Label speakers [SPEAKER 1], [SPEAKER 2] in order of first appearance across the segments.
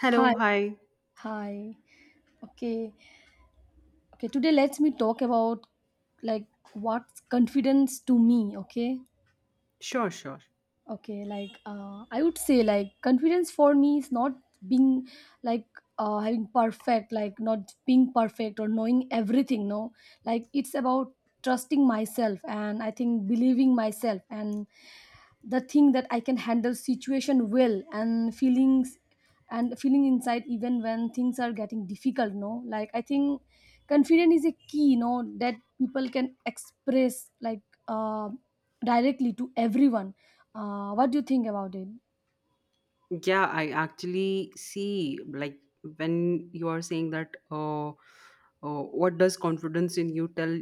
[SPEAKER 1] Hello,
[SPEAKER 2] Hi,
[SPEAKER 1] hi.
[SPEAKER 2] hi. Okay, okay. Today, let's me talk about like what's confidence to me. Okay,
[SPEAKER 1] Sure, sure.
[SPEAKER 2] okay. I would say confidence for me is not being like having perfect, not being perfect or knowing everything. No, like it's about trusting myself, and I think believing myself and the thing that I can handle situation well, and feeling inside even when things are getting difficult. No, like I think confidence is a key, no, that people can express, like uh, directly to everyone. What do you think about it?
[SPEAKER 1] Yeah, I actually see like when you are saying that what does confidence in you tell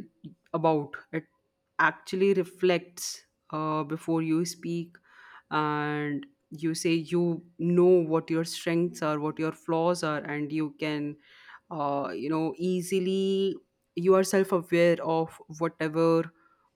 [SPEAKER 1] about? It actually reflects before you speak and you say you know what your strengths are, what your flaws are, and you can you know easily, you are self-aware of whatever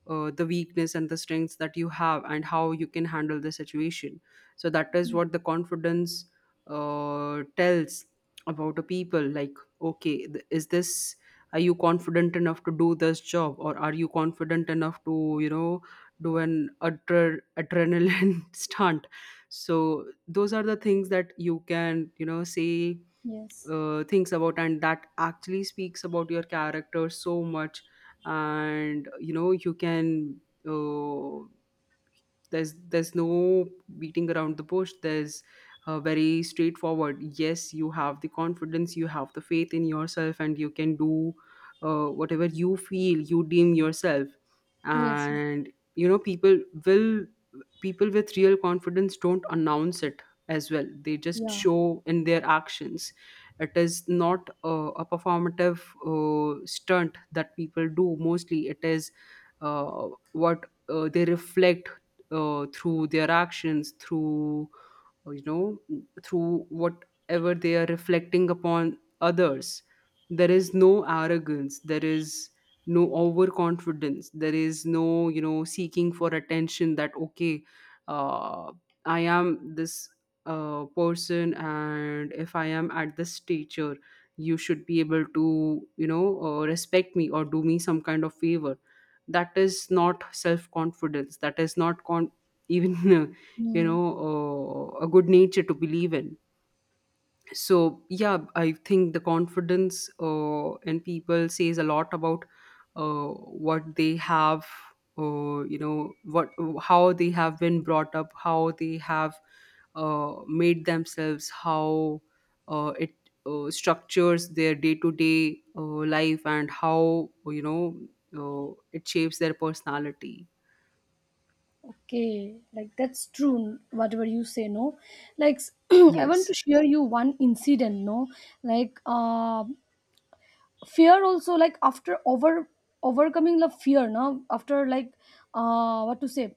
[SPEAKER 1] the weakness and the strengths that you have and how you can handle the situation. So that is what the confidence tells about a people, like okay, is this, are you confident enough to do this job, or are you confident enough to you know do an adrenaline stunt. So those are the things that you can you know say
[SPEAKER 2] Yes,
[SPEAKER 1] thinks about, and that actually speaks about your character so much. And you know you can uh, there's no beating around the bush, there's very straightforward, yes, you have the confidence, you have the faith in yourself, and you can do whatever you feel you deem yourself.
[SPEAKER 2] yes,
[SPEAKER 1] And you know people will, people with real confidence don't announce it as well, they just
[SPEAKER 2] yeah.
[SPEAKER 1] show in their actions. It is not a performative stunt that people do mostly. It is uh, what they reflect through their actions, through you know, through whatever they are reflecting upon others. There is no arrogance, there is no overconfidence, there is no you know seeking for attention that okay, uh, I am this person, and if I am at this stature, you should be able to you know respect me or do me some kind of favor. That is not self confidence, that is not even you
[SPEAKER 2] Mm.
[SPEAKER 1] know a good nature to believe in. So yeah, I think the confidence in people says a lot about uh, what they have, you know, what, how they have been brought up, how they have made themselves, how it structures their day-to-day life, and how you know it shapes their personality.
[SPEAKER 2] Okay, like that's true, whatever you say, no. Like, I want
[SPEAKER 1] Yes.
[SPEAKER 2] to share you one incident, no. like uh, fear, also, like after overcoming the fear now, after, like what to say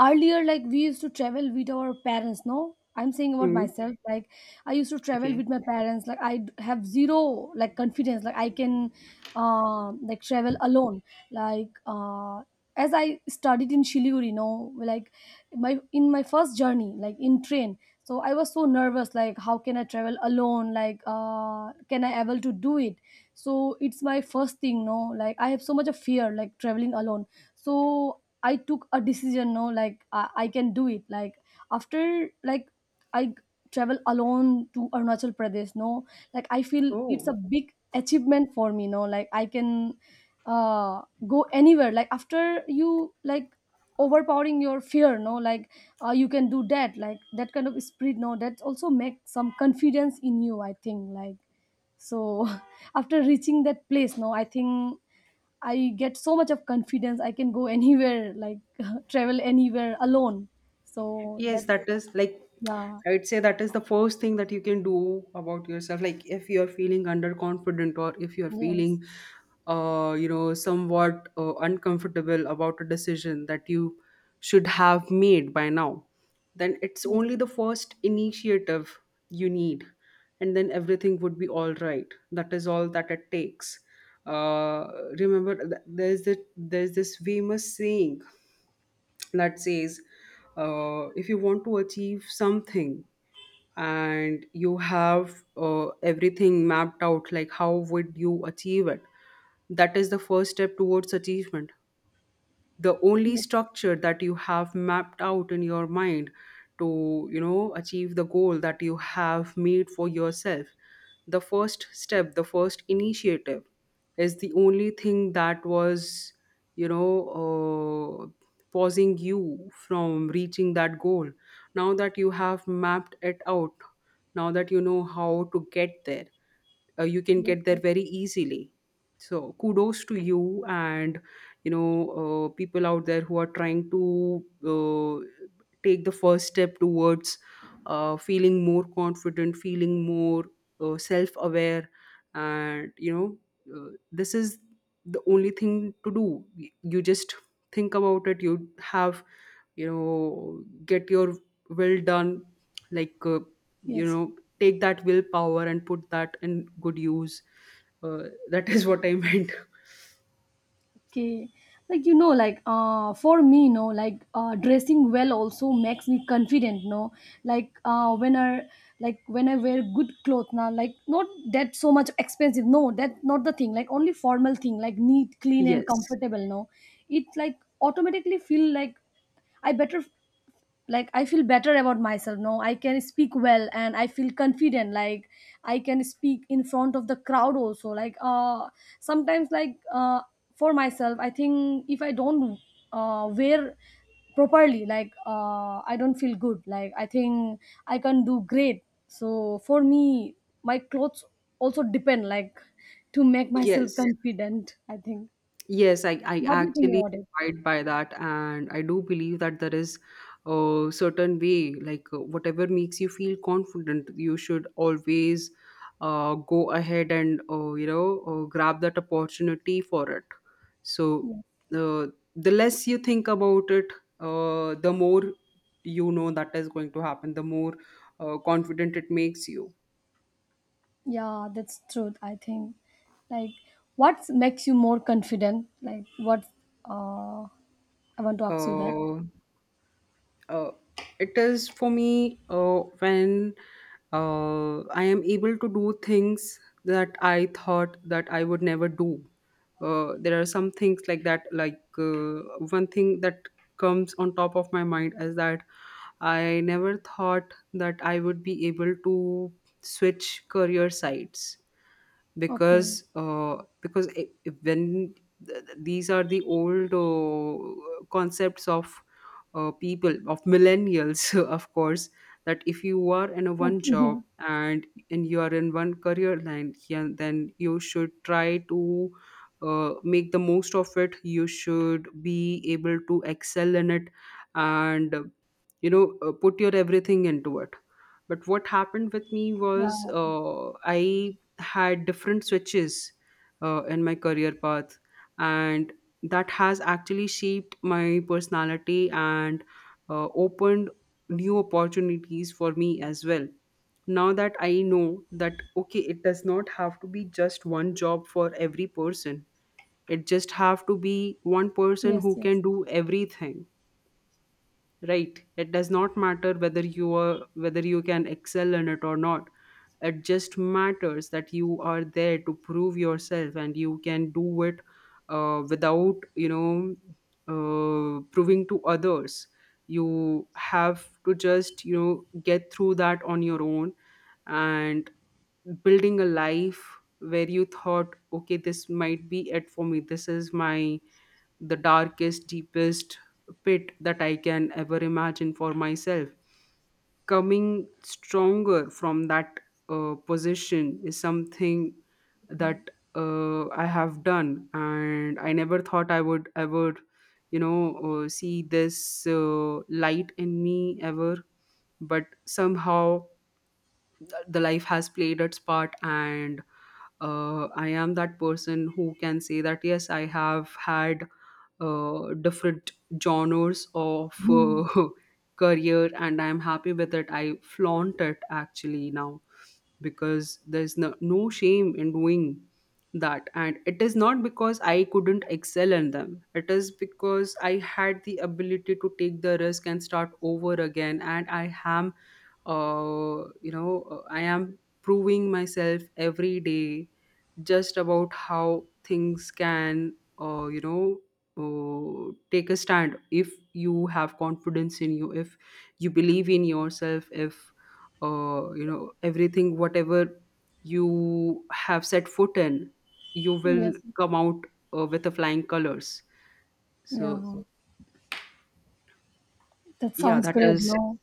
[SPEAKER 2] earlier, like we used to travel with our parents, no. I'm saying about
[SPEAKER 1] Mm.
[SPEAKER 2] myself, like I used to travel
[SPEAKER 1] Okay.
[SPEAKER 2] with my parents, like I have zero like confidence, like I can like travel alone. like uh as I studied in Shiliguri, you know, like my, in my first journey, like in train, so I was so nervous, like how can I travel alone? Like, uh, can I able to do it? So it's my first thing, no. Like I have so much of fear, like traveling alone. So I took a decision, no, like I can do it. Like, I travel alone to Arunachal Pradesh, no, like I feel it's
[SPEAKER 1] Oh.
[SPEAKER 2] a big achievement for me, no, like I can uh go anywhere. Like after you, like overpowering your fear, no, like you can do that, like that kind of spirit, no, that also make some confidence in you, I think, like. So after reaching that place, no, I think I get so much of confidence. I can go anywhere, like travel anywhere alone. So
[SPEAKER 1] Yes,
[SPEAKER 2] that,
[SPEAKER 1] that is like,
[SPEAKER 2] yeah,
[SPEAKER 1] I would say that is the first thing that you can do about yourself. Like if you're feeling underconfident, or if you're
[SPEAKER 2] yes,
[SPEAKER 1] feeling you know somewhat uncomfortable about a decision that you should have made by now, then it's only
[SPEAKER 2] yes,
[SPEAKER 1] the first initiative you need, and then everything would be all right. That is all that it takes. Uh Remember, there's this famous saying that says, if you want to achieve something and you have everything mapped out, like how would you achieve it, that is the first step towards achievement. The only
[SPEAKER 2] yes,
[SPEAKER 1] structure that you have mapped out in your mind to you know achieve the goal that you have made for yourself, the first step, the first initiative, is the only thing that was you know uh, pausing you from reaching that goal. Now that you have mapped it out, now that you know how to get there, you can
[SPEAKER 2] yes,
[SPEAKER 1] get there very easily. So kudos to you, and you know people out there who are trying to uh, take the first step towards feeling more confident, feeling more self-aware, and you know this is the only thing to do. You just think about it, you have, you know, get your will done, like you
[SPEAKER 2] yes.
[SPEAKER 1] know, take that willpower and put that in good use. uh, that is what I meant.
[SPEAKER 2] Okay, like you know, for me, no, dressing well also makes me confident. No, like uh, when I like when I wear good clothes now, like not that so much expensive. No, that not the thing. Like only formal thing, like neat, clean, and
[SPEAKER 1] Yes,
[SPEAKER 2] comfortable. No, it like automatically feel like I better, like I feel better about myself, no, I can speak well and I feel confident. Like I can speak in front of the crowd also, like sometimes, for myself, I think, if I don't wear properly, like I don't feel good, like I think I can do great. So for me, my clothes also depend, like, to make myself
[SPEAKER 1] yes.
[SPEAKER 2] confident, I think.
[SPEAKER 1] Yes, I
[SPEAKER 2] What do you think
[SPEAKER 1] actually
[SPEAKER 2] about it?
[SPEAKER 1] abide by that, and I do believe that there is a certain way, like whatever makes you feel confident, you should always go ahead and you know grab that opportunity for it. So
[SPEAKER 2] Yeah.
[SPEAKER 1] uh, the less you think about it, the more you know that is going to happen, the more confident it makes you.
[SPEAKER 2] Yeah, that's truth. I think, like, what makes you more confident? Like, what? Uh, I want to ask you that.
[SPEAKER 1] Uh, uh, it is for me when I am able to do things that I thought that I would never do. There are some things like that. Like one thing that comes on top of my mind is that I never thought that I would be able to switch career sites
[SPEAKER 2] Okay.
[SPEAKER 1] because when these are the old concepts of people of millennials of course, that if you are in a one
[SPEAKER 2] Okay.
[SPEAKER 1] job and you are in one career line, yeah, then you should try to make the most of it, you should be able to excel in it, and you know put your everything into it. But what happened with me was,
[SPEAKER 2] Yeah.
[SPEAKER 1] I had different switches in my career path, and that has actually shaped my personality, and opened new opportunities for me as well. Now that I know that okay, it does not have to be just one job for every person, it just have to be one person who
[SPEAKER 2] Yes. Yes.
[SPEAKER 1] can do everything. Right, it does not matter whether you are, whether you can excel in it or not, it just matters that you are there to prove yourself and you can do it without you know proving to others. You have to just you know get through that on your own, and building a life where you thought okay, this might be it for me, this is my, the darkest, deepest pit that I can ever imagine for myself. Coming stronger from that position is something
[SPEAKER 2] Yeah.
[SPEAKER 1] that I have done, and I never thought I would ever, you know, see this light in me ever. But somehow, the life has played its part, and I am that person who can say that yes, I have had different genres of career, and I'm happy with it, I flaunt it actually now because there's no, no shame in doing that, and it is not because I couldn't excel in them, it is because I had the ability to take the risk and start over again, and I am you know I am proving myself every day just about how things can you know take a stand. If you have confidence in you, if you believe in yourself, if you know everything, whatever you have set foot in, you will
[SPEAKER 2] Yes.
[SPEAKER 1] come out with the flying colors. So
[SPEAKER 2] Yeah. That
[SPEAKER 1] yeah,
[SPEAKER 2] sounds
[SPEAKER 1] that
[SPEAKER 2] great.
[SPEAKER 1] is,
[SPEAKER 2] No.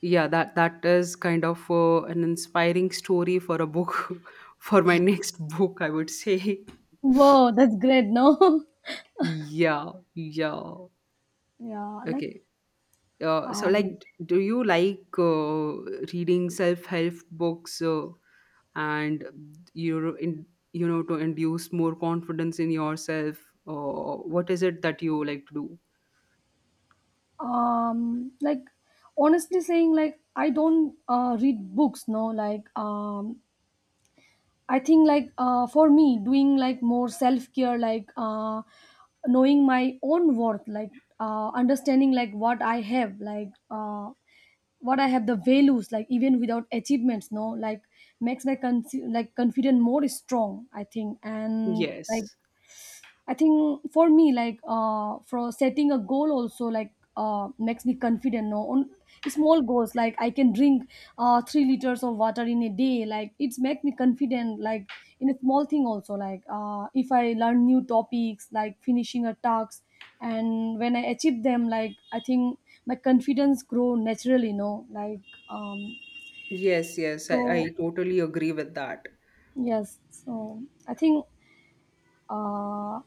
[SPEAKER 1] yeah, that is kind of an inspiring story for a book, for my next book I would say.
[SPEAKER 2] Whoa, that's great. No.
[SPEAKER 1] Yeah, yeah.
[SPEAKER 2] yeah.
[SPEAKER 1] Okay. So, like,
[SPEAKER 2] Um,
[SPEAKER 1] do you like reading self-help books and you in, you know, to induce more confidence in yourself? Or what is it that you like to do?
[SPEAKER 2] like honestly saying, like, I don't read books. No, like, I think for me doing like more self care, knowing my own worth, understanding like what I have, what I have the values like even without achievements, no, like makes my like confident more strong, I think. And like
[SPEAKER 1] Yes,
[SPEAKER 2] I think for me, for setting a goal also, makes me confident. No, on small goals, like I can drink 3 liters of water in a day. Like it's make me confident. In a small thing also, if I learn new topics, like finishing a task, and when I achieve them, like I think my confidence grow naturally. No, um,
[SPEAKER 1] yes, yes. I,
[SPEAKER 2] so
[SPEAKER 1] I totally agree with that.
[SPEAKER 2] yes. So I think uh,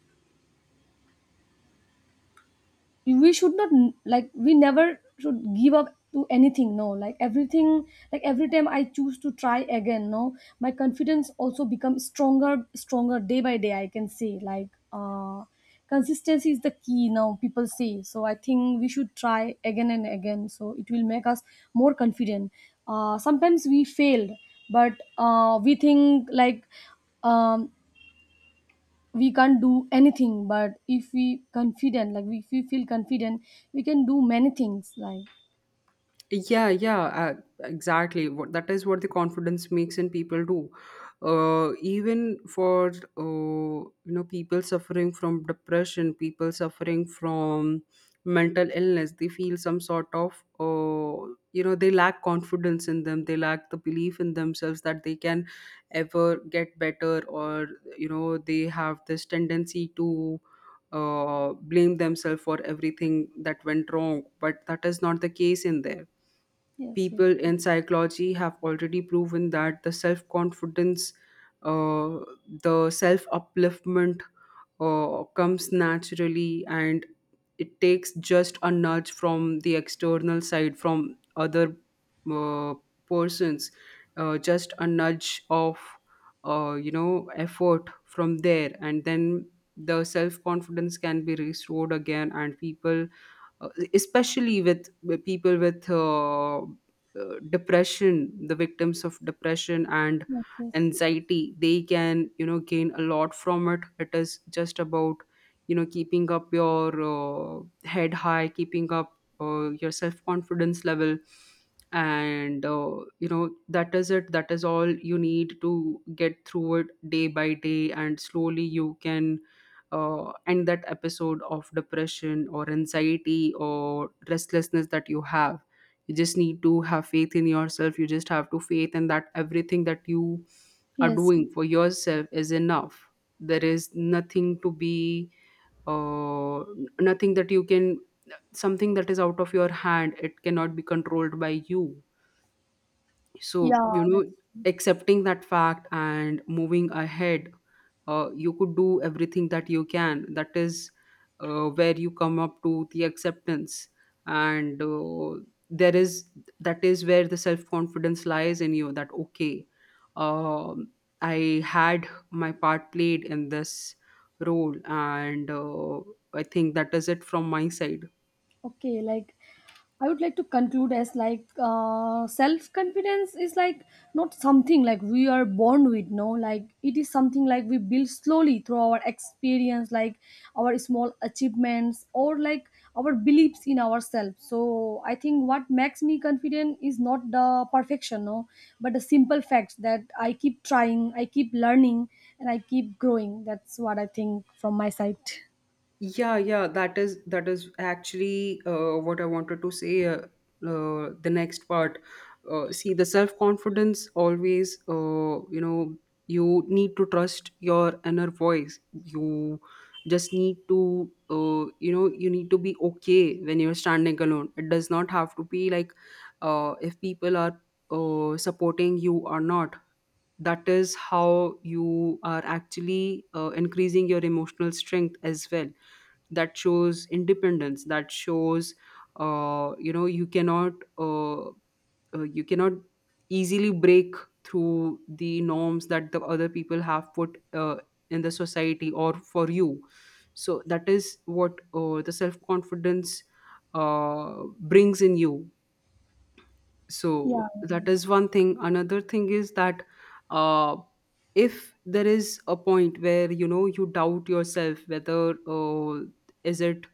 [SPEAKER 2] we should not like we never should give up to anything, no, like everything. Like every time I choose to try again, no, my confidence also becomes stronger day by day, I can say, consistency is the key now, people say. So I think we should try again and again, so it will make us more confident. Uh, sometimes we failed, but we think um we can't do anything. But if we confident, like if we feel confident, we can do many things, like.
[SPEAKER 1] Yeah, yeah, exactly. What, that is what the confidence makes in people do. Even for you know people suffering from depression, people suffering from mental illness, they feel some sort of you know, they lack confidence in them. They lack the belief in themselves that they can ever get better, or you know they have this tendency to blame themselves for everything that went wrong. But that is not the case in there.
[SPEAKER 2] Yes, yes,
[SPEAKER 1] People in psychology have already proven that the self confidence, uh, the self upliftment comes naturally, and it takes just a nudge from the external side, from other uh, persons, just a nudge of, you know, effort from there. And then the self confidence can be restored again, and people, uh, especially with, people with depression, the victims of depression and
[SPEAKER 2] yes, yes,
[SPEAKER 1] anxiety, they can you know gain a lot from it. It is just about you know keeping up your head high, keeping up your self confidence level, and you know that is it, that is all you need to get through it day by day, and slowly you can end that episode of depression or anxiety or restlessness that you have. You just need to have faith in yourself, you just have to faith in that everything that you are
[SPEAKER 2] yes.
[SPEAKER 1] doing for yourself is enough. There is nothing to be uh, nothing that you can, something that is out of your hand, it cannot be controlled by you. So
[SPEAKER 2] Yeah,
[SPEAKER 1] you know,
[SPEAKER 2] that's
[SPEAKER 1] accepting that fact and moving ahead, you could do everything that you can, that is where you come up to the acceptance, and there is, that is where the self confidence lies in you, that okay, um, I had my part played in this role, and I think that is it from my side.
[SPEAKER 2] okay. Like I would like to conclude as like, self confidence is like not something like we are born with, no, like it is something like we build slowly through our experience, like our small achievements or like our beliefs in ourselves. So I think what makes me confident is not the perfection, no, but the simple fact that I keep trying, I keep learning, and I keep growing. That's what I think from my side.
[SPEAKER 1] Yeah, yeah, that is, that is actually what I wanted to say. The next part, see, the self confidence always, you know, you need to trust your inner voice. You just need to, you know, you need to be okay when you're standing alone. It does not have to be like if people are supporting you or not. That is how you are actually increasing your emotional strength as well. That shows independence, that shows you know, uh, uh, you cannot easily break through the norms that the other people have put in the society or for you. So that is what the self confidence brings in you. So
[SPEAKER 2] Yeah.
[SPEAKER 1] that is one thing. Another thing is that uh, if there is a point where you know you doubt yourself, whether is it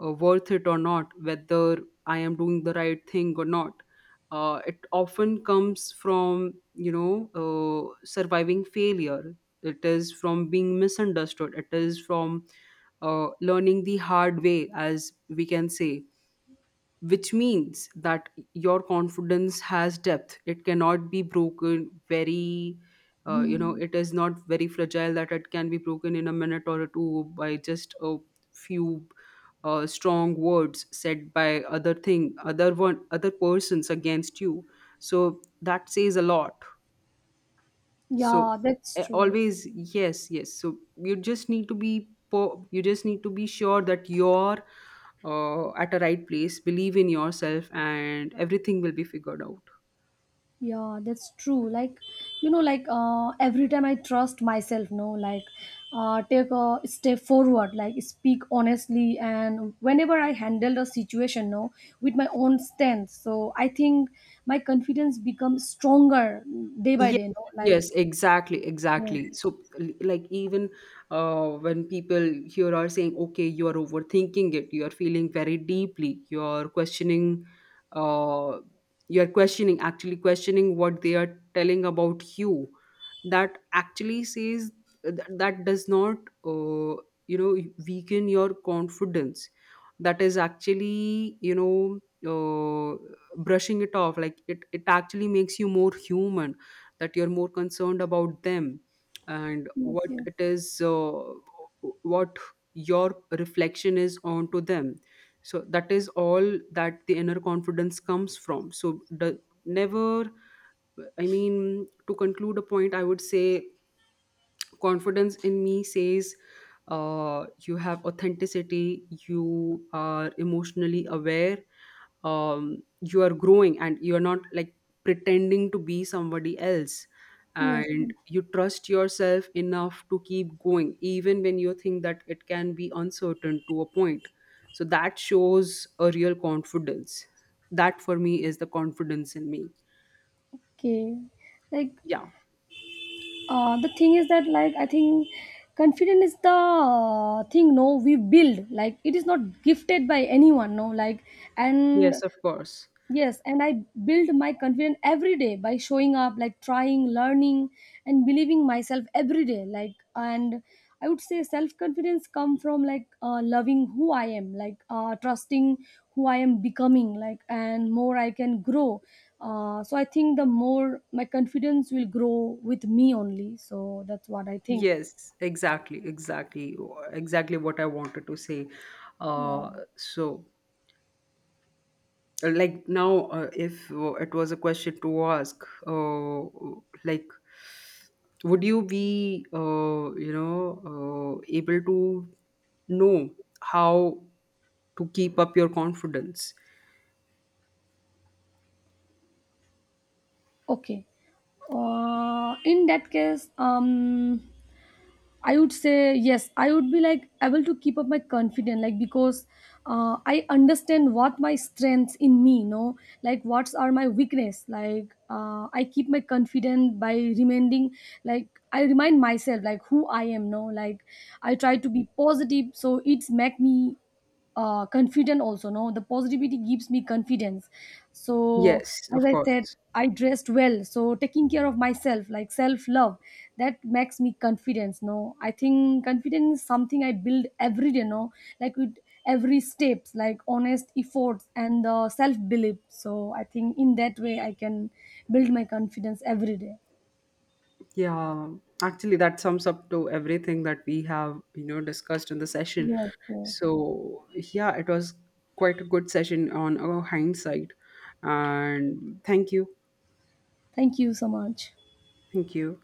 [SPEAKER 1] worth it or not, whether I am doing the right thing or not. It often comes from, you know, surviving failure. It is from being misunderstood. It is from learning the hard way, as we can say, which means that your confidence has depth, it cannot be broken very you know,
[SPEAKER 2] Hmm.
[SPEAKER 1] it is not very fragile that it can be broken in a minute or two by just a few strong words said by other thing, other one, other persons against you. So that says a lot. So
[SPEAKER 2] Yeah, that's true.
[SPEAKER 1] always, yes yes, so you just need to be you just need to be sure that you're at a right place, believe in yourself, and everything will be figured out.
[SPEAKER 2] Yeah, that's true. Like, you know, every time I trust myself, no, like take a step forward, like speak honestly, and whenever I handle the situation, no, with my own strength. So I think my confidence becomes stronger day by
[SPEAKER 1] Yes,
[SPEAKER 2] day, no, like.
[SPEAKER 1] yes, exactly,
[SPEAKER 2] Yes,
[SPEAKER 1] exactly. So, like, even when people here are saying, okay, you are overthinking it, you are feeling very deeply, uh, you are questioning, actually questioning what they are telling about you, that actually says that does not, uh, you know, weaken your confidence. That is actually, you know, uh, brushing it off. Like, it actually makes you more human, that you're more concerned about them and
[SPEAKER 2] yes,
[SPEAKER 1] what
[SPEAKER 2] yes,
[SPEAKER 1] it is, what your reflection is onto them. So that is all that the inner confidence comes from. So the, never, I mean, to conclude a point, I would say confidence in me says you have authenticity, you are emotionally aware, you are growing and you're not like pretending to be somebody else,
[SPEAKER 2] yes. Yes.
[SPEAKER 1] and you trust yourself enough to keep going even when you think that it can be uncertain to a point. So that shows a real confidence. That for me is the confidence in me.
[SPEAKER 2] Okay, like
[SPEAKER 1] Yeah.
[SPEAKER 2] the thing is that, like I think confidence is the thing, no, we build, like it is not gifted by anyone, no, like.
[SPEAKER 1] Yes,
[SPEAKER 2] And
[SPEAKER 1] of course.
[SPEAKER 2] yes, and I build my confidence every day by showing up, like trying, learning, and believing myself every day. Like, and I would say self confidence come from loving who I am, trusting who I am becoming, like, and more I can grow. So I think the more my confidence will grow with me only. So that's what I think.
[SPEAKER 1] Yes, exactly, exactly, exactly what I wanted to say.
[SPEAKER 2] Yeah.
[SPEAKER 1] Uh, so like now, if it was a question to ask, uh, like, would you be you know able to know how to keep up your confidence?
[SPEAKER 2] Okay. In that case, I would say yes. I would be like able to keep up my confidence, like because I understand what my strengths in me, you know, like what are my weakness. I keep my confidence by reminding, like I remind myself, like who I am, no, like I try to be positive, so it's make me confident also, no, the positivity gives me confidence. So,
[SPEAKER 1] Yes,
[SPEAKER 2] as
[SPEAKER 1] of
[SPEAKER 2] I said,
[SPEAKER 1] course.
[SPEAKER 2] I dressed well, so taking care of myself like self love, that makes me confidence, no. I think confidence is something I build every day, no, like with every steps, like honest efforts and self belief. So I think in that way I can build my confidence every day.
[SPEAKER 1] Yeah, actually that sums up to everything that we have you know discussed in the session.
[SPEAKER 2] Yeah, yeah.
[SPEAKER 1] So yeah, it was quite a good session on our hindsight. And thank you.
[SPEAKER 2] Thank you so much.
[SPEAKER 1] Thank you.